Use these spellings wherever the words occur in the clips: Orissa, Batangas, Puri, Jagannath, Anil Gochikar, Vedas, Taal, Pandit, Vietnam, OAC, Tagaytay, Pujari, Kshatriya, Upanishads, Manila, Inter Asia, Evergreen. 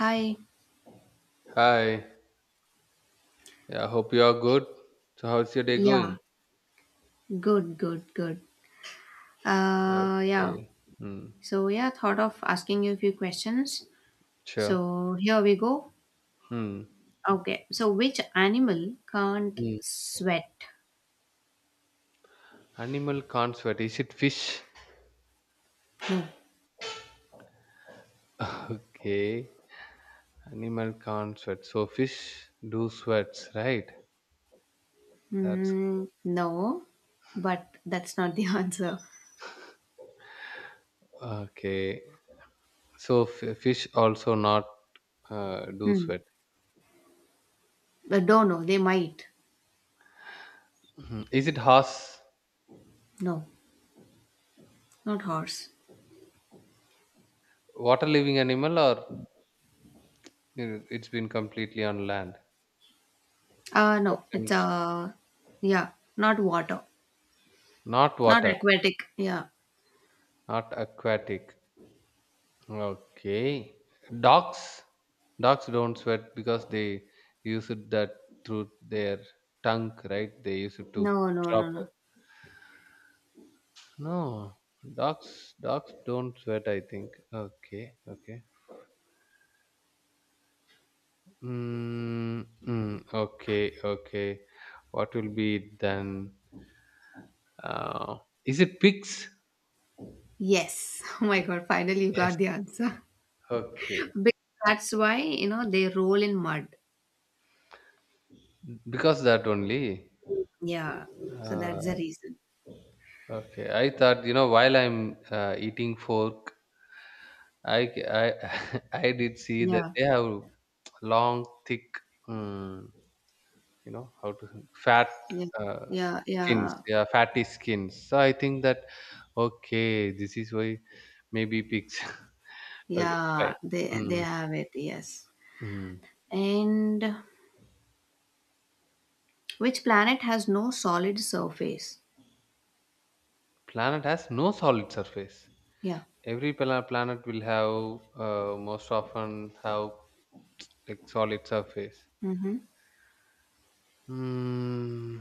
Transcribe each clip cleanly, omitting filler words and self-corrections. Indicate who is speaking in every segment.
Speaker 1: Hi.
Speaker 2: Hi. Yeah, hope you are good. So, how's your day going?
Speaker 1: Yeah. Good, good, good. Uh yeah.
Speaker 2: Okay. Hmm.
Speaker 1: So yeah, thought of asking you a few questions.
Speaker 2: Sure.
Speaker 1: So here we go.
Speaker 2: Hmm.
Speaker 1: Okay. So which animal can't
Speaker 2: Hmm.
Speaker 1: sweat?
Speaker 2: Animal can't sweat. Is it fish?
Speaker 1: No.
Speaker 2: Okay. Animal can't sweat. So, fish do sweats, right? That's
Speaker 1: Hmm. No. But that's not the answer.
Speaker 2: okay. So, fish also not do
Speaker 1: Hmm.
Speaker 2: sweat.
Speaker 1: I don't know. They might.
Speaker 2: Hmm. Is it horse?
Speaker 1: No. Not horse.
Speaker 2: Water living animal or it's been completely on land? What
Speaker 1: No. It's
Speaker 2: kind?
Speaker 1: Yeah, not water.
Speaker 2: Not
Speaker 1: Not
Speaker 2: water.
Speaker 1: aquatic. Yeah.
Speaker 2: Not aquatic. Okay. Dogs dogs don't sweat because they use it that through their tongue, right? They use it to
Speaker 1: No, no,
Speaker 2: drop
Speaker 1: no, no.
Speaker 2: up. No. Dogs don't sweat, I think. Okay, okay. Okay, okay. What will be it then? Uh, is it pigs?
Speaker 1: Yes. Oh my god, finally you
Speaker 2: Yes.
Speaker 1: got the answer.
Speaker 2: Okay.
Speaker 1: Be- That's why, you know, they roll in mud.
Speaker 2: Because that only.
Speaker 1: Yeah. So that's the
Speaker 2: Uh,
Speaker 1: reason.
Speaker 2: okay. I thought, you know, while I'm eating fork I c- I- I did see that
Speaker 1: Yeah.
Speaker 2: they have long, thick, um, you know, how to fat
Speaker 1: Yeah.
Speaker 2: uh,
Speaker 1: Yeah.
Speaker 2: skins,
Speaker 1: Yeah.
Speaker 2: yeah, fatty skins. So I think that okay, this is why maybe pigs. Okay, fine.
Speaker 1: Yeah. They
Speaker 2: Mm,
Speaker 1: have it, yes.
Speaker 2: mm.
Speaker 1: And which planet has no solid surface?
Speaker 2: Planet has no solid surface.
Speaker 1: Yeah.
Speaker 2: Every planet will have most often have like solid surface.
Speaker 1: Mm-hmm.
Speaker 2: Hmm.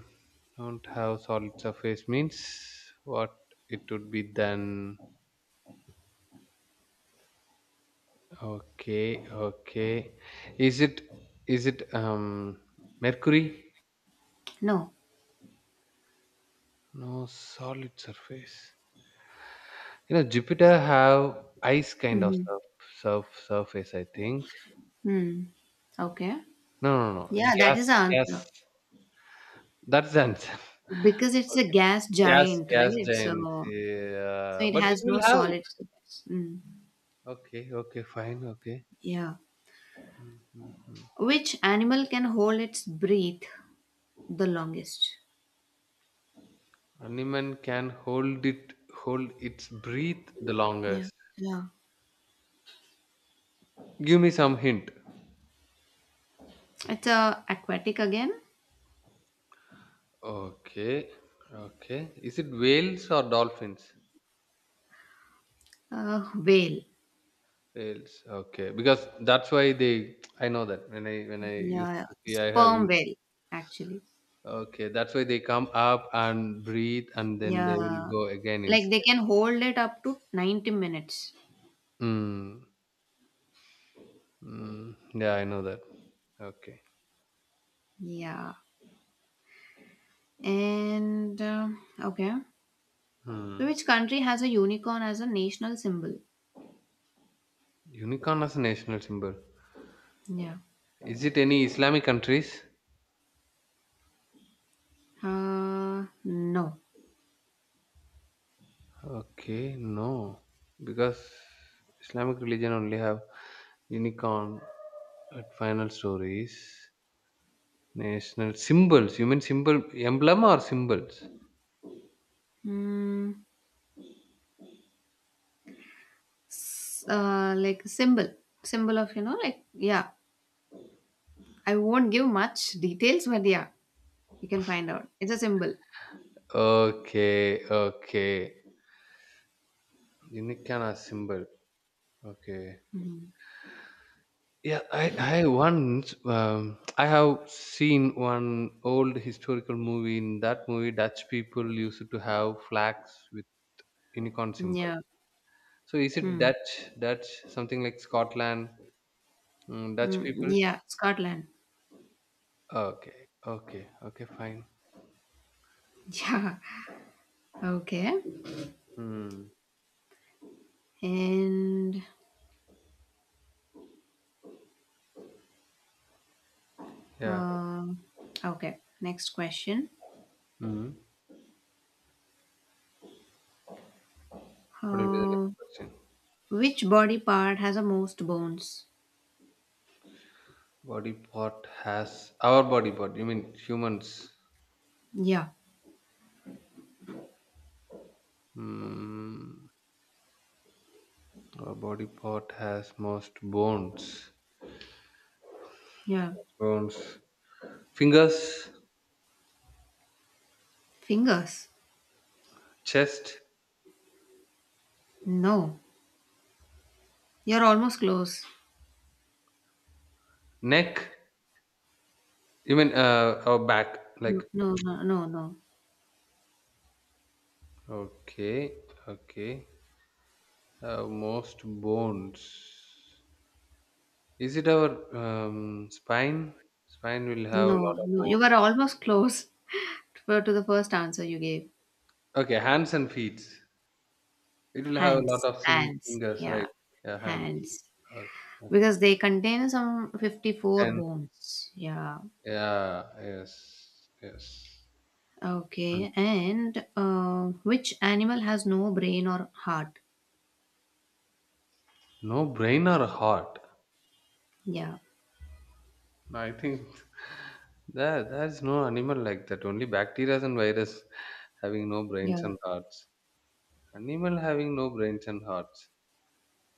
Speaker 2: Don't have solid surface means what it would be then. Okay, okay. Is it is it Mercury?
Speaker 1: No.
Speaker 2: No solid surface. You know Jupiter have ice kind of
Speaker 1: Mm-hmm.
Speaker 2: surface. I think.
Speaker 1: Hmm. Okay.
Speaker 2: No, no, no.
Speaker 1: Yeah, that
Speaker 2: Gas,
Speaker 1: is the
Speaker 2: gas.
Speaker 1: answer.
Speaker 2: That's the answer.
Speaker 1: Because it's a
Speaker 2: Okay.
Speaker 1: gas
Speaker 2: Gas,
Speaker 1: giant,
Speaker 2: gas
Speaker 1: right?
Speaker 2: giants.
Speaker 1: So
Speaker 2: Yeah,
Speaker 1: it
Speaker 2: but it
Speaker 1: has
Speaker 2: will
Speaker 1: no
Speaker 2: have.
Speaker 1: solid surface. Mm.
Speaker 2: Okay, okay, fine. Okay.
Speaker 1: Yeah. Which animal can hold its breath the longest?
Speaker 2: Animal can hold it hold its breath the
Speaker 1: Yeah,
Speaker 2: longest.
Speaker 1: yeah.
Speaker 2: Give me some hint.
Speaker 1: It's a aquatic again,
Speaker 2: Okay. Okay. Is it whales or dolphins?
Speaker 1: whale.
Speaker 2: Whales. Okay. Because that's why they I know that when I used
Speaker 1: Yeah,
Speaker 2: to see
Speaker 1: sperm whale actually.
Speaker 2: okay, that's why they come up and breathe and then they will
Speaker 1: Yeah.
Speaker 2: go again
Speaker 1: Like they
Speaker 2: inside.
Speaker 1: can hold it up to 90 minutes.
Speaker 2: Mm. Mm. Yeah, I know that. Okay.
Speaker 1: Yeah. And okay. So
Speaker 2: Hmm.
Speaker 1: which country has a unicorn as a national symbol?
Speaker 2: Unicorn as a national symbol.
Speaker 1: Yeah.
Speaker 2: Is it any Islamic countries?
Speaker 1: No.
Speaker 2: Okay, no, because Islamic religion only have unicorn at final stories, national symbols. You mean symbol emblem or symbols?
Speaker 1: Mm, like symbol, symbol of you know like yeah. I won't give much details, but yeah, you can find out. It's a symbol.
Speaker 2: Okay, okay, unicorn as symbol. Okay,
Speaker 1: Mhm.
Speaker 2: yeah, I once I have seen one old historical movie. In that movie, Dutch people used to have flags with unicorn symbol.
Speaker 1: Yeah.
Speaker 2: So is it
Speaker 1: Hmm.
Speaker 2: Dutch? Dutch something like Scotland? Mm, Dutch peoples.
Speaker 1: Yeah, Scotland.
Speaker 2: Okay, okay, okay, fine.
Speaker 1: Yeah, okay.
Speaker 2: Hmm.
Speaker 1: And
Speaker 2: Yeah.
Speaker 1: um, okay, next question.
Speaker 2: Hmm. What will be the next
Speaker 1: Uh,
Speaker 2: question?
Speaker 1: which body part has the most bones?
Speaker 2: Body part has our body part. You mean humans?
Speaker 1: Yeah,
Speaker 2: Hmm. Our body part has most bones.
Speaker 1: yeah.
Speaker 2: Bones. Fingers,
Speaker 1: Fingers?
Speaker 2: chest,
Speaker 1: No. You're almost close.
Speaker 2: neck. You mean our back?
Speaker 1: No,
Speaker 2: Like
Speaker 1: no, no, no, no,
Speaker 2: okay, okay. Most bones. Is it our spine? Spine will have a lot
Speaker 1: no.
Speaker 2: of
Speaker 1: no. You
Speaker 2: bones.
Speaker 1: were almost close to the first answer you gave.
Speaker 2: Okay, hands and feet. It will have a lot
Speaker 1: Hands,
Speaker 2: of
Speaker 1: hands.
Speaker 2: fingers,
Speaker 1: Yeah,
Speaker 2: right? Yeah, hand.
Speaker 1: hands.
Speaker 2: Okay. Okay.
Speaker 1: Because they contain some 54
Speaker 2: Ten.
Speaker 1: bones. Yeah.
Speaker 2: Yeah. Yes. Yes.
Speaker 1: Okay,
Speaker 2: Mm.
Speaker 1: and which animal has no brain or heart?
Speaker 2: No brain or heart.
Speaker 1: Yeah,
Speaker 2: I think there's no animal like that. Only bacteria and virus having no brains
Speaker 1: yeah,
Speaker 2: and hearts. Animal having no brains and hearts.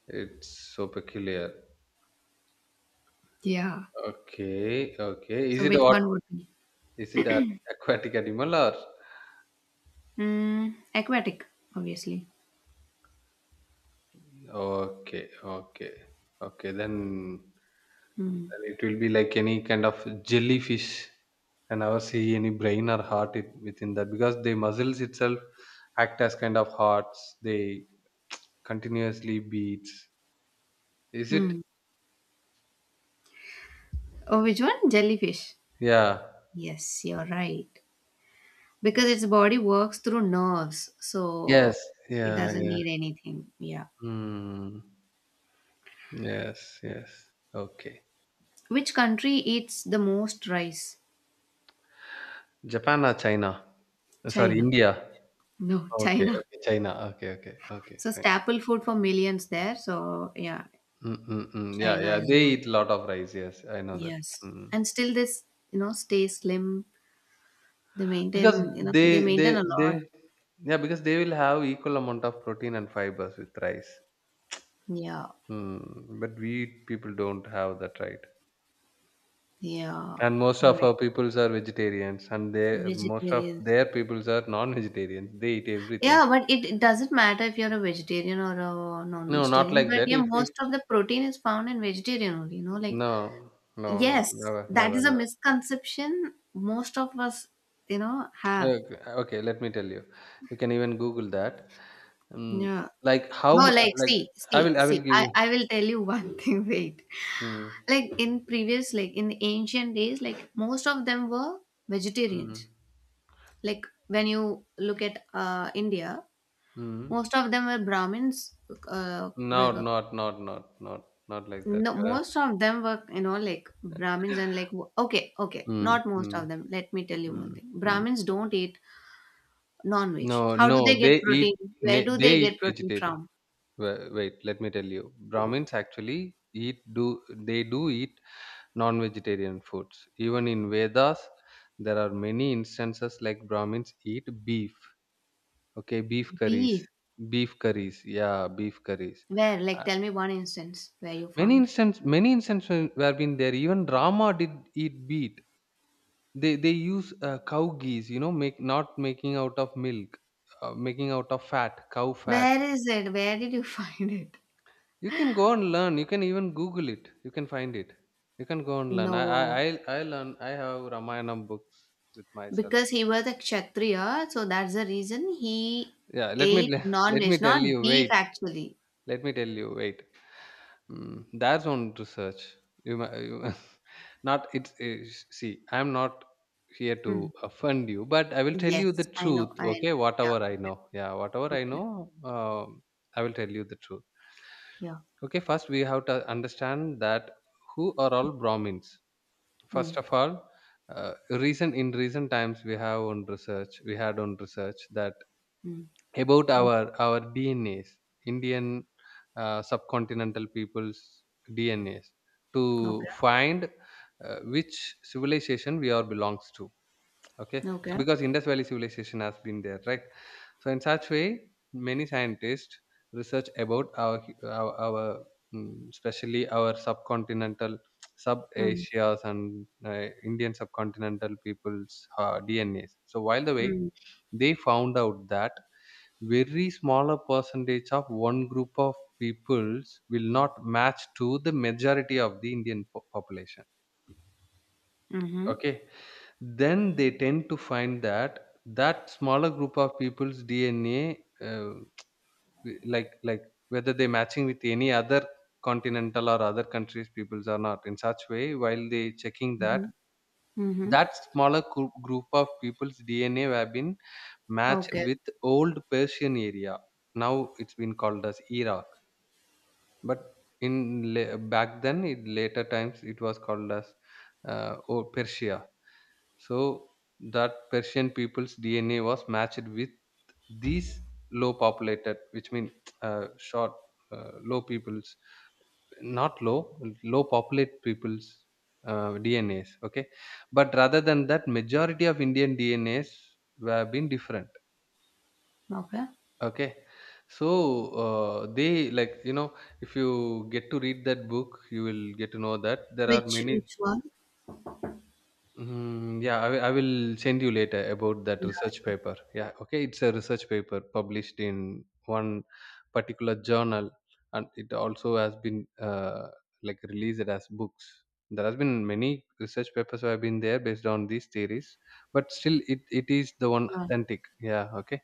Speaker 2: It's so peculiar.
Speaker 1: yeah.
Speaker 2: Okay. Okay.
Speaker 1: So
Speaker 2: Is it
Speaker 1: which
Speaker 2: what?
Speaker 1: one would be?
Speaker 2: Is it an aquatic animal or?
Speaker 1: Aquatic, obviously.
Speaker 2: Okay. Okay. Okay. Then.
Speaker 1: Hmm.
Speaker 2: It will be like any kind of jellyfish and never see any brain or heart it, within that because the muscles itself act as kind of hearts. They continuously beats. Is it?
Speaker 1: Hmm. Oh, which one? Jellyfish.
Speaker 2: Yeah.
Speaker 1: Yes, you're right. Because
Speaker 2: Wow.
Speaker 1: its body works through nerves,
Speaker 2: Yes.
Speaker 1: so it
Speaker 2: Yeah.
Speaker 1: doesn't
Speaker 2: Yeah.
Speaker 1: need anything. Yeah.
Speaker 2: Hmm. Yes. Yes. Okay.
Speaker 1: Which country eats the most rice?
Speaker 2: Japan or China? Sorry,
Speaker 1: China.
Speaker 2: India.
Speaker 1: No,
Speaker 2: Okay.
Speaker 1: China.
Speaker 2: Okay. China. Okay. Okay. Okay.
Speaker 1: So
Speaker 2: Fine.
Speaker 1: staple food for millions there. So yeah,
Speaker 2: Mm-mm-mm. Yeah.
Speaker 1: China
Speaker 2: Yeah.
Speaker 1: is the
Speaker 2: They
Speaker 1: one.
Speaker 2: eat lot of rice. Yes, I know that.
Speaker 1: Yes.
Speaker 2: Mm.
Speaker 1: And still stay slim. They
Speaker 2: Because
Speaker 1: maintain, you know, they maintain a
Speaker 2: they
Speaker 1: lot.
Speaker 2: yeah, because they will have equal amount of protein and fibers with rice.
Speaker 1: Yeah.
Speaker 2: Hmm. But we people don't have that right.
Speaker 1: Yeah.
Speaker 2: And most of our
Speaker 1: Right.
Speaker 2: peoples are vegetarians, and they most of
Speaker 1: Vegetarians.
Speaker 2: their peoples are non-vegetarians. They eat
Speaker 1: Yeah,
Speaker 2: everything.
Speaker 1: but it doesn't matter if you're a vegetarian or a
Speaker 2: No, not
Speaker 1: non-vegetarian.
Speaker 2: like
Speaker 1: But
Speaker 2: that.
Speaker 1: yeah,
Speaker 2: If
Speaker 1: most of the protein is found in vegetarian only, you know, like
Speaker 2: no no no
Speaker 1: yes,
Speaker 2: never
Speaker 1: that
Speaker 2: never
Speaker 1: is a
Speaker 2: never.
Speaker 1: misconception most of us, you know, have.
Speaker 2: Okay, okay, let me tell you. You can even Google that. Mm,
Speaker 1: Yeah.
Speaker 2: like
Speaker 1: No, like
Speaker 2: like I will I will give
Speaker 1: I,
Speaker 2: you.
Speaker 1: I will tell you one thing, wait.
Speaker 2: Mm,
Speaker 1: Like in previous, like in ancient days, like most of them were
Speaker 2: mm,
Speaker 1: vegetarians, like when you look at India,
Speaker 2: mm.
Speaker 1: most of them were Brahmins, uh,
Speaker 2: Not
Speaker 1: were-
Speaker 2: not not not not not like that.
Speaker 1: no,
Speaker 2: Yeah.
Speaker 1: most of them were, you know, like Brahmins and like okay, okay,
Speaker 2: Mm,
Speaker 1: not most
Speaker 2: mm,
Speaker 1: of them. Let me tell you one
Speaker 2: mm,
Speaker 1: thing,
Speaker 2: mm.
Speaker 1: Brahmins don't eat non-veg.
Speaker 2: No,
Speaker 1: How do they
Speaker 2: no,
Speaker 1: get
Speaker 2: they
Speaker 1: protein,
Speaker 2: eat ne
Speaker 1: where do
Speaker 2: they
Speaker 1: they
Speaker 2: eat
Speaker 1: get protein
Speaker 2: vegetarian.
Speaker 1: from?
Speaker 2: Wait, let me tell you. Brahmins actually eat do they do eat non-vegetarian foods. Even in Vedas, there are many instances like Brahmins eat beef. Okay, beef curries.
Speaker 1: Beef?
Speaker 2: Beef curries. Yeah, beef curries.
Speaker 1: Where, like,
Speaker 2: Uh,
Speaker 1: tell me one instance where you found,
Speaker 2: many instances where been there. Even Rama did eat beef they use cow geese you know make not making out of milk making out of fat cow fat
Speaker 1: where is it, where did you find it?
Speaker 2: you can go and learn you can even google it you can find it you can go and learn
Speaker 1: No.
Speaker 2: I learn I have ramayana books with myself
Speaker 1: Because he was a Kshatriya, so that's the reason he
Speaker 2: yeah let me
Speaker 1: ate
Speaker 2: let me
Speaker 1: non-veg,
Speaker 2: tell
Speaker 1: not
Speaker 2: you
Speaker 1: beef
Speaker 2: wait.
Speaker 1: actually.
Speaker 2: Let me tell you. Wait. Mm, there's own research. You, ma- you ma- not it's, it's see. I'm not here to
Speaker 1: Mm.
Speaker 2: offend you, but I will tell you the
Speaker 1: Yes, I know,
Speaker 2: truth.
Speaker 1: I
Speaker 2: Okay,
Speaker 1: know. Yeah,
Speaker 2: whatever I
Speaker 1: okay,
Speaker 2: know. Yeah, whatever I
Speaker 1: okay.
Speaker 2: know, I will tell you the truth.
Speaker 1: Yeah.
Speaker 2: Okay, first we have to understand that who are all Brahmins. First
Speaker 1: Mm.
Speaker 2: of all, recent times we had on research that
Speaker 1: Mm.
Speaker 2: about
Speaker 1: Mm.
Speaker 2: our DNAs, Indian subcontinental people's DNAs, to
Speaker 1: Okay.
Speaker 2: find which civilization we all belongs to. Okay, so
Speaker 1: Okay.
Speaker 2: because Indus Valley civilization has been there, right? So in such way, many scientists research about our mm, especially our subcontinental, sub
Speaker 1: Mm.
Speaker 2: Asia's and Indian subcontinental people's DNAs. So while the way
Speaker 1: Mm.
Speaker 2: they found out that very smaller percentage of one group of peoples will not match to the majority of the indian population
Speaker 1: Mm-hmm.
Speaker 2: okay then they tend to find that that smaller group of people's dna like whether they matching with any other continental or other countries peoples or not in such way while they checking that
Speaker 1: Mm-hmm. Mm-hmm.
Speaker 2: that smaller group of people's dna have been matched
Speaker 1: Okay.
Speaker 2: with old persian area now it's been called as era. But back then, it, later times, it was called as or Persia. So that Persian people's DNA was matched with these low populated, which mean short, low peoples, not low, low populate peoples. DNAs, okay, but rather than that, majority of Indian DNAs were been different.
Speaker 1: Okay.
Speaker 2: Okay. So, they like, you know, if you get to read that book, you will get to know that there are many
Speaker 1: Which one?
Speaker 2: Mm, yeah, I will send you later about that
Speaker 1: Yeah.
Speaker 2: research paper. Yeah, okay, it's a research paper published in one particular journal, and it also has been like released as books. There has been many research papers have been there based on these theories, but still, it is the one
Speaker 1: Yeah.
Speaker 2: authentic. Yeah, okay.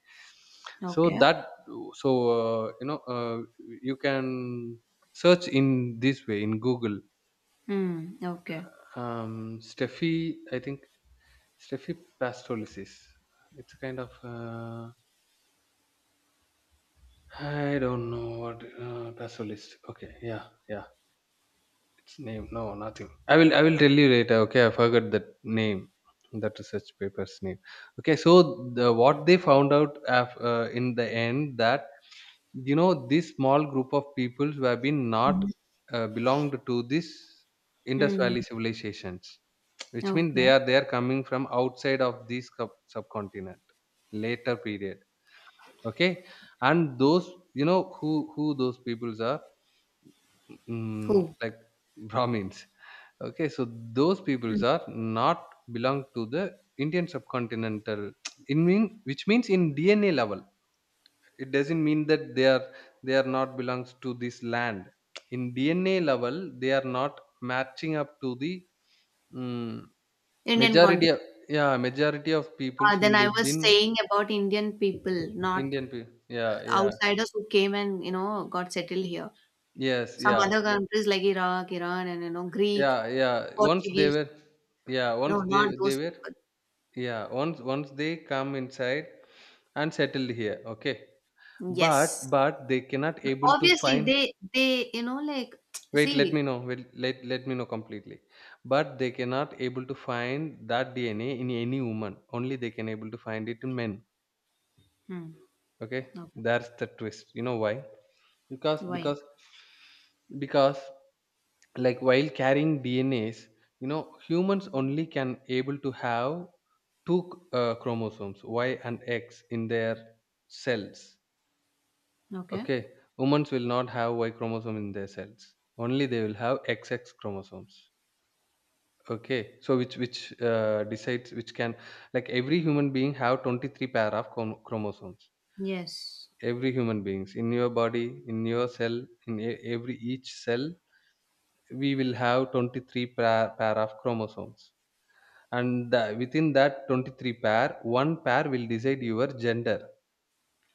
Speaker 2: So
Speaker 1: Okay.
Speaker 2: that so you know you can search in this way in Google.
Speaker 1: Hmm. Okay.
Speaker 2: Steffi, I think Steffi Pastorius. It's a kind of I don't know what Pastorius. Okay, yeah, yeah. Its name. No, nothing. I will tell you later. Okay, I forgot that name. That research paper's name. Okay, so the, what they found out in the end that you know this small group of people who have been not
Speaker 1: Mm-hmm.
Speaker 2: belonged to this Indus Valley
Speaker 1: Mm-hmm.
Speaker 2: civilizations, which means they
Speaker 1: Okay.
Speaker 2: are they are coming from outside of this subcontinent later period. Okay, and those you know who those peoples are mm,
Speaker 1: Who?
Speaker 2: like Brahmins. Okay, so those
Speaker 1: Mm.
Speaker 2: peoples are not belong to the Indian subcontinental. In mean which means in DNA level, it doesn't mean that they are not belongs to this land. In DNA level, they are not matching up to the mm,
Speaker 1: Indian
Speaker 2: majority.
Speaker 1: continent.
Speaker 2: Yeah, majority of peoples
Speaker 1: Ah,
Speaker 2: who
Speaker 1: then I
Speaker 2: lived
Speaker 1: was
Speaker 2: in
Speaker 1: saying about Indian people, not
Speaker 2: Indian. Yeah, yeah,
Speaker 1: outsiders who came and you know got settled here.
Speaker 2: yes,
Speaker 1: Some
Speaker 2: yeah.
Speaker 1: other countries like Iraq, Iran, and you know Greek,
Speaker 2: Yeah, yeah.
Speaker 1: Portuguese.
Speaker 2: Yeah.
Speaker 1: No,
Speaker 2: Once
Speaker 1: not
Speaker 2: they
Speaker 1: those
Speaker 2: were,
Speaker 1: people.
Speaker 2: yeah. Once they come inside and settled here, okay.
Speaker 1: Yes,
Speaker 2: But they cannot
Speaker 1: but
Speaker 2: able to
Speaker 1: obviously
Speaker 2: find.
Speaker 1: they you know like
Speaker 2: Wait, let me
Speaker 1: see.
Speaker 2: know. Wait, let me know completely. But they cannot able to find that DNA in any woman. Only they can able to find it in men.
Speaker 1: Hmm.
Speaker 2: Okay,
Speaker 1: Okay.
Speaker 2: that's the twist. You know why? Because
Speaker 1: Why?
Speaker 2: because because like while carrying dnas, you know, humans only can able to have two chromosomes Y and X in their cells.
Speaker 1: Okay.
Speaker 2: Okay, humans will not have Y chromosome in their cells, only they will have XX chromosomes. Okay, so which decides which can, like every human being have 23 pair of chromosomes.
Speaker 1: Yes,
Speaker 2: Every human beings in your body, in your cell, in every each cell we will have 23 pair of chromosomes, and within that 23 pair one pair will decide your gender.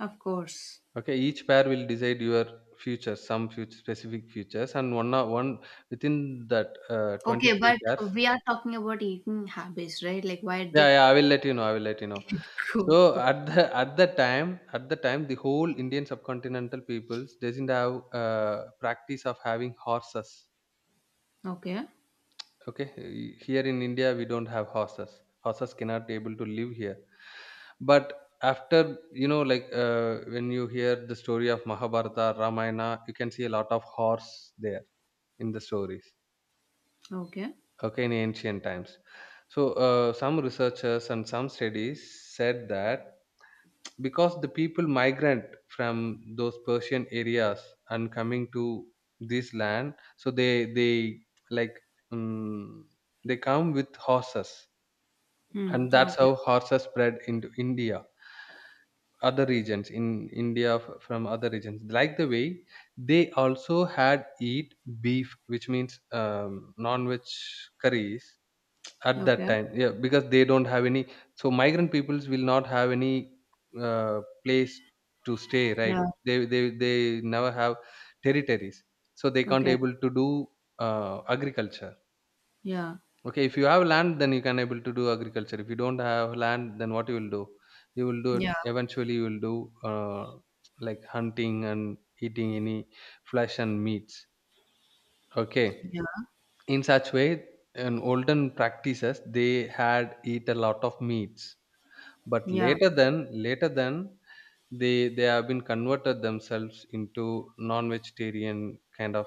Speaker 1: of course.
Speaker 2: Okay, each pair will decide your future, some future specific futures, and one within that
Speaker 1: Okay,
Speaker 2: 23
Speaker 1: but
Speaker 2: pairs.
Speaker 1: we are talking about eating habits, right? Like why
Speaker 2: Yeah,
Speaker 1: did
Speaker 2: yeah, I will let you know, I will let you know.
Speaker 1: it
Speaker 2: So
Speaker 1: go?
Speaker 2: at the at the time, at the time the whole Indian subcontinental peoples doesn't have uh, practice of having horses.
Speaker 1: Okay.
Speaker 2: Okay, here in India we don't have horses, horses cannot able to live here. But after, you know, like when you hear the story of Mahabharata, Ramayana, you can see a lot of horse there in the stories.
Speaker 1: Okay.
Speaker 2: Okay, in ancient times. So some researchers and some studies said that because the people migrant from those Persian areas and coming to this land, so they like um, they come with horses,
Speaker 1: Hmm.
Speaker 2: and that's
Speaker 1: Okay.
Speaker 2: how horses spread into India, other regions in India from other regions. Like the way they also had eat beef, which means um, non-veg curries at that
Speaker 1: Okay.
Speaker 2: time. Yeah, because they don't have any, so migrant peoples will not have any uh, place to stay, right?
Speaker 1: Yeah.
Speaker 2: They never have territories, so they can't
Speaker 1: Okay.
Speaker 2: able to do agriculture.
Speaker 1: Yeah.
Speaker 2: Okay, if you have land, then you can able to do agriculture. If you don't have land, then what you will do? You will do it
Speaker 1: Yeah.
Speaker 2: eventually. You will do uh, like hunting and eating any flesh and meats. Okay,
Speaker 1: Yeah.
Speaker 2: in such way, in olden practices, they had eat a lot of meats. But
Speaker 1: Yeah.
Speaker 2: later then, they have been converted themselves into non-vegetarian kind of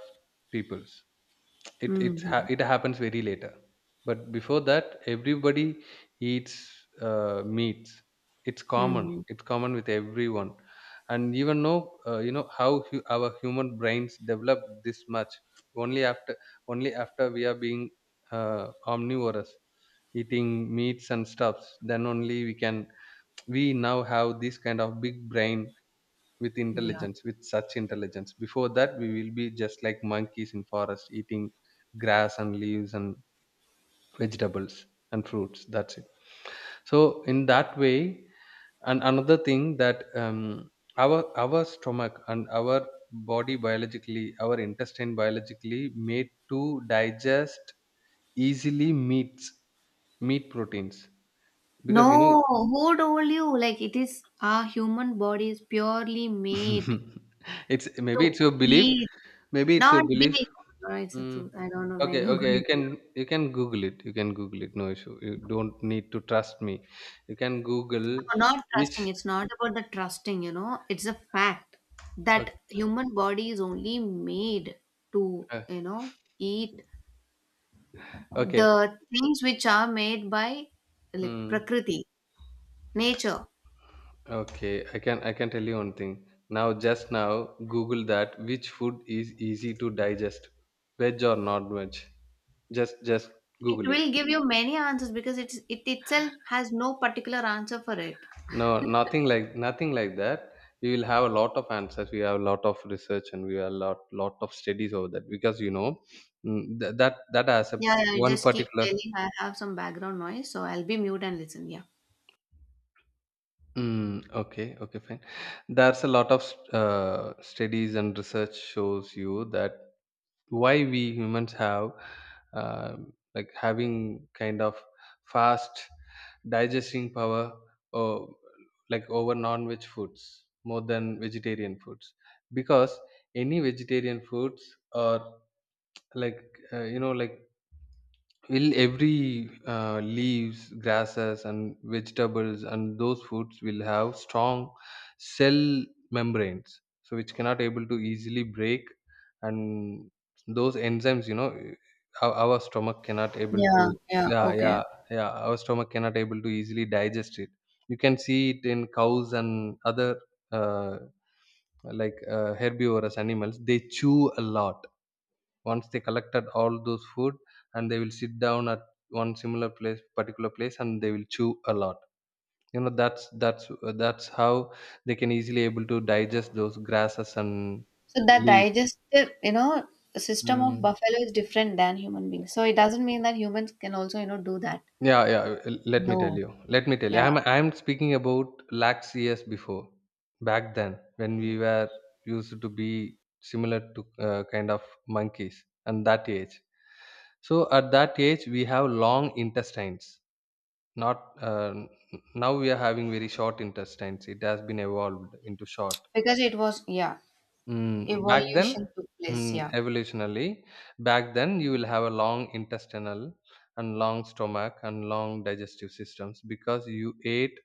Speaker 2: peoples. it it ha-
Speaker 1: Mhm.
Speaker 2: it happens very later. But before that, everybody eats meats. it's common
Speaker 1: Mhm.
Speaker 2: it's common with everyone. And even know, you know how our human brains develop this much only after only after we are being omnivorous, eating meats and stuffs. Then only we can, we now have this kind of big brain with
Speaker 1: Yeah.
Speaker 2: intelligence, with such intelligence. Before that we will be just like monkeys in forest eating grass and leaves and vegetables and fruits, that's it. So in that way, and another thing that our our stomach and our body biologically, our intestine biologically made to digest easily meats, meat proteins. Because you know,
Speaker 1: No, who told you? Like it is, our human body is purely made
Speaker 2: it's
Speaker 1: to
Speaker 2: maybe it's your belief,
Speaker 1: eat,
Speaker 2: maybe it's your
Speaker 1: not
Speaker 2: belief.
Speaker 1: be. No, it's the
Speaker 2: Mm.
Speaker 1: truth. I don't know when
Speaker 2: Okay,
Speaker 1: you're
Speaker 2: okay. You
Speaker 1: going to.
Speaker 2: can you can Google it. You can Google it. No issue. You don't need to trust me. You can Google
Speaker 1: No, not
Speaker 2: which.
Speaker 1: trusting. It's not about the trusting. You know, it's a fact that
Speaker 2: Okay,
Speaker 1: human body is only made to
Speaker 2: uh,
Speaker 1: you know eat
Speaker 2: okay.
Speaker 1: the things which are made by like
Speaker 2: Mm.
Speaker 1: prakriti, nature.
Speaker 2: Okay, I can tell you one thing. Now, just now, Google that which food is easy to digest, veg or non-veg. Just
Speaker 1: It
Speaker 2: Google it.
Speaker 1: will give you many answers because it's it itself has no particular answer for it.
Speaker 2: No, nothing like, nothing like that. We will have a lot of answers. We have a lot of research, and we have a lot of studies over that. Because you know, mm, that has a
Speaker 1: Yeah, yeah, you
Speaker 2: one
Speaker 1: just keep
Speaker 2: particular.
Speaker 1: telling. I have some background noise, so I'll be mute and listen. Yeah.
Speaker 2: Mm, okay, okay, fine. There's a lot of studies and research shows you that why we humans have uh, like having kind of fast digesting power, or like over non-veg foods more than vegetarian foods. Because any vegetarian foods are like you know like, will every leaves, grasses, and vegetables, and those foods will have strong cell membranes, so which cannot able to easily break. And those enzymes, you know, our stomach cannot able to.
Speaker 1: Yeah, yeah,
Speaker 2: Yeah,
Speaker 1: okay.
Speaker 2: yeah, yeah, our stomach cannot able to easily digest it. You can see it in cows and other uh, like herbivorous animals. They chew a lot once they collected all those food, and they will sit down at one similar place, particular place, and they will chew a lot. You know, that's how they can easily able to digest those grasses and
Speaker 1: So that
Speaker 2: leaves.
Speaker 1: digestive, you know, system of
Speaker 2: Mm.
Speaker 1: buffalo is different than human beings. So it doesn't mean that humans can also, you know, do that.
Speaker 2: Yeah, yeah, let me tell
Speaker 1: No.
Speaker 2: you, let me tell you.
Speaker 1: Yeah.
Speaker 2: I'm speaking about lax years before, back then, when we were used to be similar to kind of monkeys. And that age, so at that age we have long intestines, not now we are having very short intestines. It has been evolved into short.
Speaker 1: Because it was, yeah,
Speaker 2: Mm, back then,
Speaker 1: evolution took place.
Speaker 2: mm,
Speaker 1: Yeah.
Speaker 2: evolutionally. Back then you will have a long intestinal and long stomach and long digestive systems, because you ate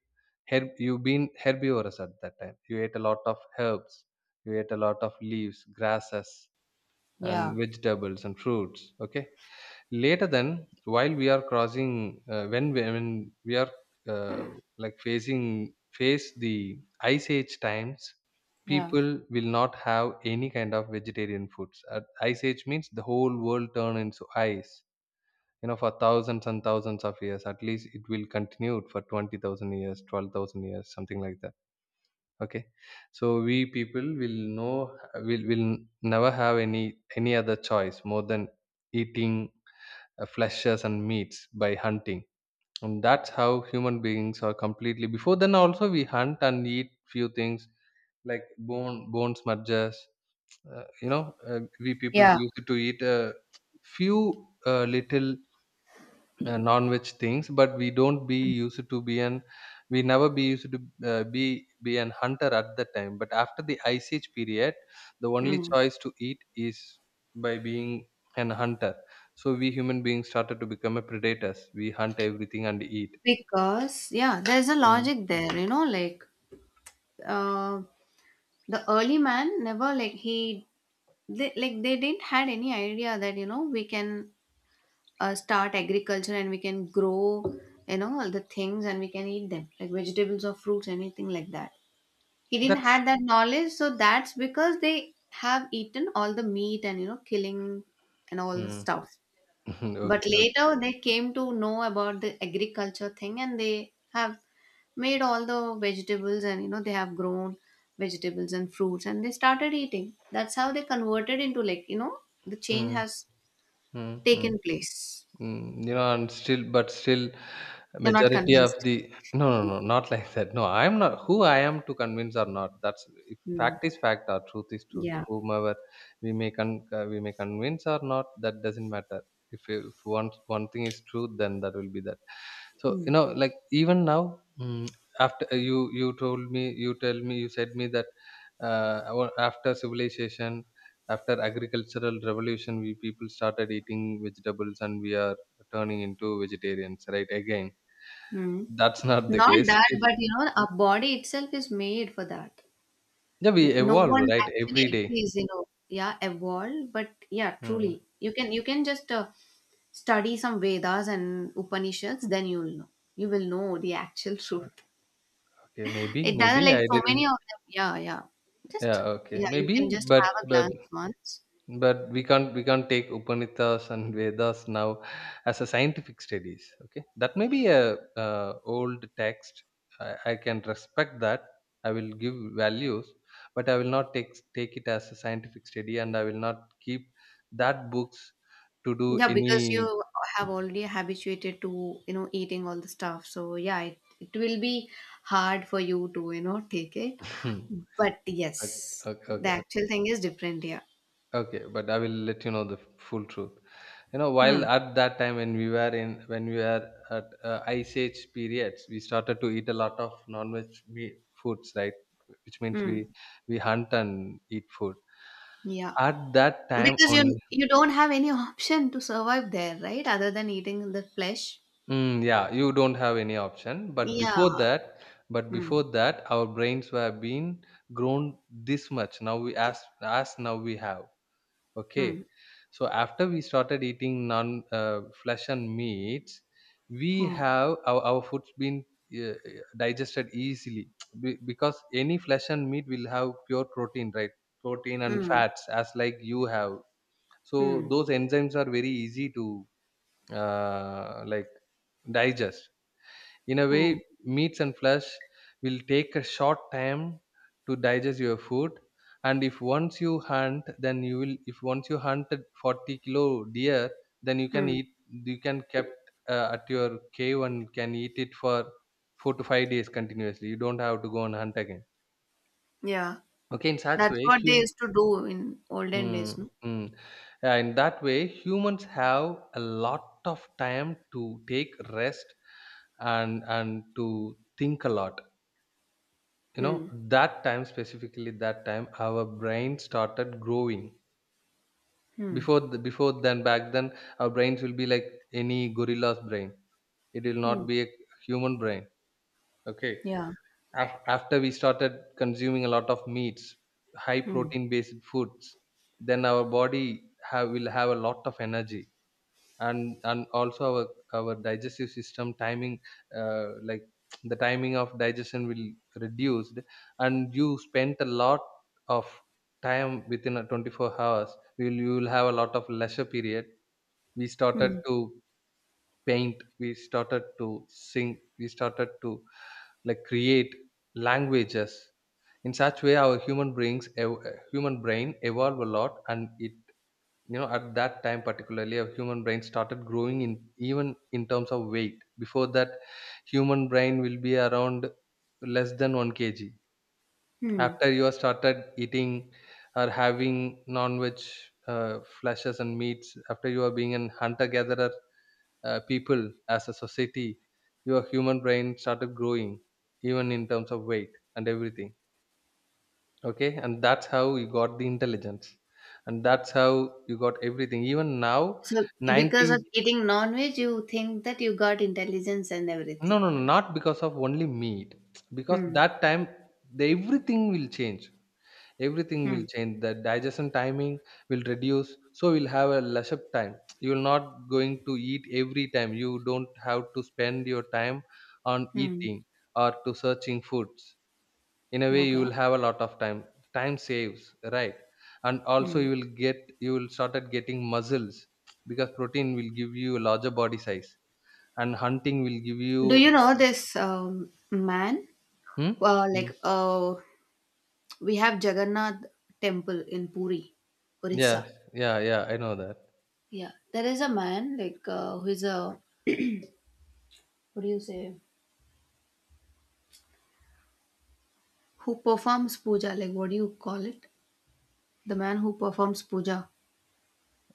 Speaker 2: herb. You've been herbivorous at that time, you ate a lot of herbs, you ate a lot of leaves, grasses
Speaker 1: Yeah.
Speaker 2: and vegetables and fruits. Okay, later then while we are crossing when when we are uh, like facing face the ice age times,
Speaker 1: Yeah.
Speaker 2: people will not have any kind of vegetarian foods. At ice age means the whole world turn into ice, you know, for thousands and thousands of years. At least it will continue for 20,000 years, 12,000 years, something like that. Okay, so we people will know, will never have any other choice more than eating fleshes and meats by hunting. And that's how human beings are completely, before then also we hunt and eat few things like bone smudges. You know, we people
Speaker 1: Yeah.
Speaker 2: used to eat a few little non-veg things. But we don't be used to be an, we never be used to uh, be be an hunter at that time. But after the ice age period, the only
Speaker 1: Mm.
Speaker 2: choice to eat is by being an hunter. So we human beings started to become a predators, we hunt everything and eat.
Speaker 1: Because yeah, there's a
Speaker 2: Mm.
Speaker 1: logic there, you know, like uh, the early man never, like, he they, like they didn't had any idea that you know we can start agriculture and we can grow you know all the things and we can eat them like vegetables or fruits, anything like that. He didn't
Speaker 2: That's
Speaker 1: had that knowledge, so that's because they have eaten all the meat and you know killing and all the
Speaker 2: mm.
Speaker 1: stuff. But
Speaker 2: Okay, okay.
Speaker 1: later they came to know about the agriculture thing and they have made all the vegetables and you know they have grown vegetables and fruits and they started eating. That's how they converted into, like, you know, the change
Speaker 2: Mm,
Speaker 1: has
Speaker 2: mm,
Speaker 1: taken
Speaker 2: mm.
Speaker 1: place.
Speaker 2: Mm, you know, and still, but still,
Speaker 1: You're not
Speaker 2: majority of
Speaker 1: convinced.
Speaker 2: the, no, no, no, not like that. No, I'm not who I am to convince or not. That's, if
Speaker 1: Hmm.
Speaker 2: fact is fact or truth is truth.
Speaker 1: Yeah.
Speaker 2: Whomever we may we may convince or not, that doesn't matter. If one thing is true, then that will be that. So
Speaker 1: Hmm.
Speaker 2: you know, like even now, mm, after you told me, you tell me, you said me that after civilization, after agricultural revolution, we people started eating vegetables, and we are turning into vegetarians, right? Again
Speaker 1: Hmm.
Speaker 2: that's not the
Speaker 1: Not
Speaker 2: case.
Speaker 1: that,
Speaker 2: It-
Speaker 1: but you know our body itself is made for that.
Speaker 2: yeah, we
Speaker 1: N- no
Speaker 2: evolve
Speaker 1: one
Speaker 2: right
Speaker 1: actually
Speaker 2: every day.
Speaker 1: agrees, you know. Yeah, evolve, but yeah,
Speaker 2: Hmm.
Speaker 1: truly you can, you can just study some Vedas and Upanishads, then you'll know, you will know the actual truth.
Speaker 2: Okay, maybe,
Speaker 1: It
Speaker 2: maybe
Speaker 1: doesn't, like,
Speaker 2: I
Speaker 1: so
Speaker 2: didn't.
Speaker 1: many of them. Yeah, yeah. Just
Speaker 2: Yeah, okay,
Speaker 1: yeah, you can
Speaker 2: maybe.
Speaker 1: just
Speaker 2: but
Speaker 1: have a
Speaker 2: but
Speaker 1: glance once.
Speaker 2: but we can't, we can't take upanishads and vedas now as a scientific studies. Okay, that may be a old text. I can respect that. I will give values, but I will not take it as a scientific study. And I will not keep that books to do
Speaker 1: Yeah, because
Speaker 2: any.
Speaker 1: you have already habituated to, you know, eating all the stuff. So yeah, it will be hard for you to, you know, take it.
Speaker 2: okay
Speaker 1: But yes, the actual
Speaker 2: okay.
Speaker 1: thing is different here.
Speaker 2: Okay, but I will let you know the full truth. You know,
Speaker 1: Hmm.
Speaker 2: while at that time when we were in, when we were at ice age periods, we started to eat a lot of non-veg foods, right? Which means we
Speaker 1: Hmm.
Speaker 2: we hunt and eat food.
Speaker 1: Yeah.
Speaker 2: At that time
Speaker 1: Because you
Speaker 2: only,
Speaker 1: you don't have any option to survive there, right? Other than eating the flesh.
Speaker 2: mm, yeah, you don't have any option.
Speaker 1: Yeah.
Speaker 2: But
Speaker 1: Hmm.
Speaker 2: before that, our brains were being grown this much. Now we, as now we have. Okay.
Speaker 1: Hmm.
Speaker 2: So after we started eating non flesh and meats, we
Speaker 1: Hmm.
Speaker 2: have our food's been uh, uh, digested easily. Because any flesh and meat will have pure protein, right? Protein and
Speaker 1: Hmm.
Speaker 2: fats, as like you have.
Speaker 1: Hmm.
Speaker 2: So those enzymes are very easy to like digest in a way.
Speaker 1: Hmm.
Speaker 2: Meats and flesh will take a short time to digest your food. And if once you hunt, then you will, if once you hunted 40-kilo deer, then you can
Speaker 1: Hmm.
Speaker 2: eat, you can kept at your cave and can eat it for 4 to 5 days continuously. You don't have to go and hunt again.
Speaker 1: Yeah,
Speaker 2: Okay, in such
Speaker 1: that's
Speaker 2: way
Speaker 1: what they
Speaker 2: human,
Speaker 1: used to do in olden days,
Speaker 2: mm,
Speaker 1: no?
Speaker 2: mm. Yeah, in that way humans have a lot of time to take rest and to think a lot. You know,
Speaker 1: Hmm.
Speaker 2: that time specifically, that time our brain started growing.
Speaker 1: Hmm.
Speaker 2: Before then, back then our brains will be like any gorilla's brain. It will not
Speaker 1: Hmm.
Speaker 2: be a human brain. Okay.
Speaker 1: Yeah.
Speaker 2: After we started consuming a lot of meats, high
Speaker 1: Hmm.
Speaker 2: protein based foods, then our body have, will have a lot of energy. And also our digestive system timing, like the timing of digestion will reduced. And you spent a lot of time within a 24 hours, you will have a lot of leisure period. We started
Speaker 1: Hmm.
Speaker 2: to paint, we started to sing, we started to like create languages. In such way, our human brains human brain evolve a lot. And it, you know, at that time particularly a human brain started growing in, even in terms of weight. Before that, human brain will be around less than 1 kg.
Speaker 1: Hmm.
Speaker 2: After you have started eating or having non-veg uh, flashes and meats, after you are being an hunter-gatherer people as a society, your human brain started growing even in terms of weight and everything. Okay, and that's how you got the intelligence. And that's how you got everything. Even now,
Speaker 1: So because
Speaker 2: 90,
Speaker 1: of eating non-veg, you think that you got intelligence and
Speaker 2: no,
Speaker 1: everything.
Speaker 2: no, no, not because of only meat. Because
Speaker 1: Hmm.
Speaker 2: that time the everything will change, everything
Speaker 1: Hmm.
Speaker 2: will change. The digestion timing will reduce, so you'll have a lesser time. You're not going to eat every time. You don't have to spend your time on
Speaker 1: Hmm.
Speaker 2: eating or to searching foods. In a way you
Speaker 1: Okay.
Speaker 2: will have a lot of time, time saves, right? And also
Speaker 1: Hmm.
Speaker 2: you will get, you will started getting muscles, because protein will give you a larger body size. And hunting will give
Speaker 1: Do
Speaker 2: you,
Speaker 1: you know this man?
Speaker 2: hmm?
Speaker 1: Uh,
Speaker 2: Mm.
Speaker 1: like uh, we have Jagannath temple in Puri,
Speaker 2: Yeah,
Speaker 1: Orissa.
Speaker 2: yeah, yeah, I know that.
Speaker 1: Yeah, there is a man like who is a what do you say? Who performs puja? Like what do you call it? The man who performs puja.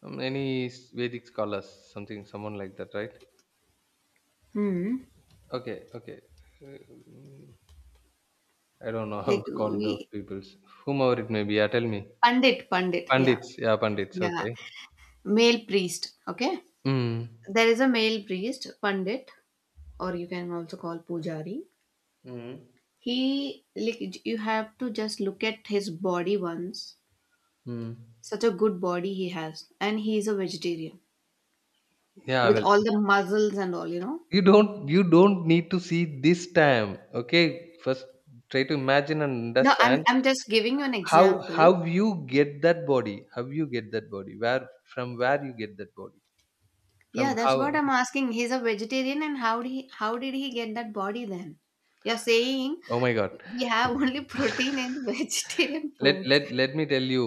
Speaker 2: Any vedic scholars, something someone like that, right?
Speaker 1: Hmm.
Speaker 2: Okay, okay. Mm, I don't know how
Speaker 1: Like
Speaker 2: to call those
Speaker 1: we
Speaker 2: peoples, whomever it may be. Yeah, tell me.
Speaker 1: Pandit, Pandit, yeah.
Speaker 2: Pandits, yeah, pandits,
Speaker 1: Yeah.
Speaker 2: okay.
Speaker 1: Male priest. Okay.
Speaker 2: Mm.
Speaker 1: There is a male priest, Pandit, or you can also call Pujari.
Speaker 2: Mm.
Speaker 1: He like you have to just look at his body once.
Speaker 2: Mm.
Speaker 1: Such a good body he has. And he is a vegetarian.
Speaker 2: Yeah, I
Speaker 1: With
Speaker 2: will.
Speaker 1: all the muscles and all, you know.
Speaker 2: You don't, you don't need to see this time, okay? First try to imagine and
Speaker 1: No,
Speaker 2: understand
Speaker 1: I'm just giving you an
Speaker 2: how
Speaker 1: example.
Speaker 2: how you get that body. How you get that body. Where from, where you get that body.
Speaker 1: Yeah,
Speaker 2: From
Speaker 1: that's what
Speaker 2: how,
Speaker 1: I'm asking. He's a vegetarian and how did he, how did he get that body then? You're saying
Speaker 2: oh my god.
Speaker 1: we have only protein and vegetarian
Speaker 2: Let
Speaker 1: foods.
Speaker 2: let let me tell you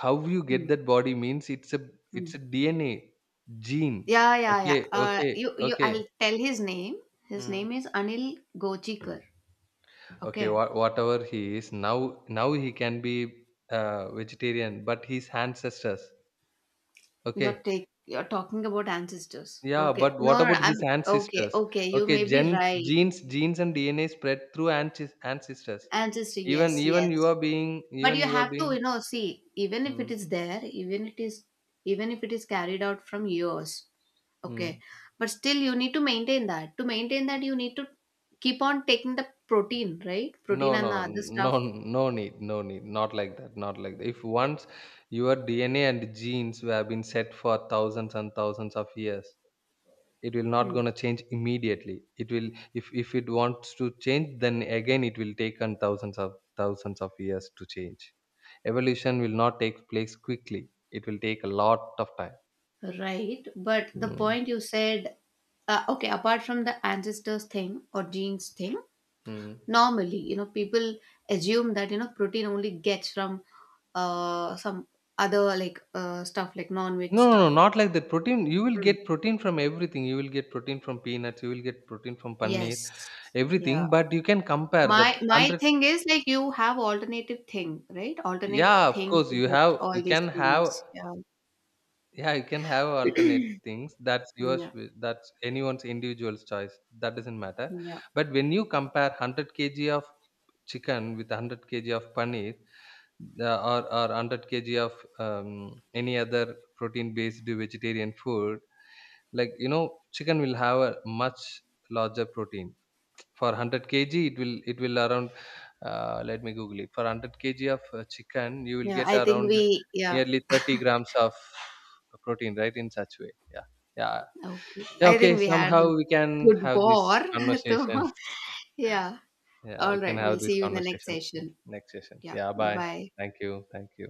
Speaker 2: how you get
Speaker 1: Mm,
Speaker 2: that body means it's a, it's
Speaker 1: mm.
Speaker 2: a DNA gene.
Speaker 1: Yeah, yeah, yeah.
Speaker 2: Okay, okay,
Speaker 1: You, you.
Speaker 2: okay.
Speaker 1: I'll tell his name. His
Speaker 2: Mm.
Speaker 1: name is Anil Gochikar.
Speaker 2: Okay,
Speaker 1: Okay.
Speaker 2: whatever he is now, now he can be vegetarian, but his ancestors.
Speaker 1: You're
Speaker 2: Okay,
Speaker 1: take. You're talking about ancestors.
Speaker 2: yeah,
Speaker 1: Okay.
Speaker 2: but what
Speaker 1: No, no, no,
Speaker 2: about
Speaker 1: I'm
Speaker 2: his
Speaker 1: okay.
Speaker 2: ancestors?
Speaker 1: Okay, you
Speaker 2: Okay,
Speaker 1: may be
Speaker 2: gens,
Speaker 1: right.
Speaker 2: genes, genes and DNA spread through ancestors.
Speaker 1: Ancestor.
Speaker 2: Even,
Speaker 1: Yes,
Speaker 2: even you
Speaker 1: yes.
Speaker 2: are being,
Speaker 1: But
Speaker 2: even
Speaker 1: you
Speaker 2: you are
Speaker 1: have to
Speaker 2: being.
Speaker 1: you know see, even if it
Speaker 2: Mm,
Speaker 1: is there, even it is, even if it is carried out from yours, okay,
Speaker 2: mm.
Speaker 1: but still you need to maintain that. To maintain that you need to keep on taking the protein, right? Protein
Speaker 2: No,
Speaker 1: and the
Speaker 2: no,
Speaker 1: other stuff.
Speaker 2: no, no need, no need. Not like that. Not like that. If once your DNA and genes have been set for thousands and thousands of years, it will not
Speaker 1: Hmm.
Speaker 2: gonna change immediately. It will, if it wants to change, then again it will take on thousands of years to change. Evolution will not take place quickly. It will take a lot of time.
Speaker 1: Right, but the
Speaker 2: Mm.
Speaker 1: point you said, okay, apart from the ancestors thing or genes thing,
Speaker 2: Mm.
Speaker 1: normally you know people assume that you know protein only gets from some other like stuff like non-veg
Speaker 2: No, no, no,
Speaker 1: stuff.
Speaker 2: not like that. Protein, you will get protein from everything. You will get protein from peanuts. You will get protein from paneer,
Speaker 1: Yes. Yeah.
Speaker 2: everything. But you can compare that
Speaker 1: My
Speaker 2: hundred.
Speaker 1: thing is like you have alternative thing, right? Alternate
Speaker 2: Yeah, of
Speaker 1: thing
Speaker 2: course,
Speaker 1: to
Speaker 2: you
Speaker 1: get
Speaker 2: have.
Speaker 1: all
Speaker 2: You
Speaker 1: these
Speaker 2: can have.
Speaker 1: things. Yeah.
Speaker 2: Yeah, you can have alternate things. That's yours.
Speaker 1: Yeah.
Speaker 2: That's anyone's individual's choice. That doesn't matter.
Speaker 1: Yeah.
Speaker 2: But when you compare 100 kg of chicken with 100 kg of paneer, or 100 kg of any other protein based vegetarian food, like you know, chicken will have a much larger protein. For 100 kg it will, it will around let me google it. For 100 kg of chicken you will
Speaker 1: Yeah. I
Speaker 2: get
Speaker 1: think
Speaker 2: around
Speaker 1: we yeah.
Speaker 2: nearly 30 grams of protein, right? In such way, yeah, yeah,
Speaker 1: Okay.
Speaker 2: yeah.
Speaker 1: I think
Speaker 2: Okay,
Speaker 1: we had a
Speaker 2: somehow we can
Speaker 1: good
Speaker 2: have this
Speaker 1: war. So
Speaker 2: conversation.
Speaker 1: yeah.
Speaker 2: Yeah,
Speaker 1: All
Speaker 2: we can
Speaker 1: right. We'll
Speaker 2: have this
Speaker 1: see you in the next
Speaker 2: conversation, mm,
Speaker 1: session.
Speaker 2: next sessions,
Speaker 1: Yeah.
Speaker 2: yeah, bye.
Speaker 1: Bye.
Speaker 2: Thank you, thank you.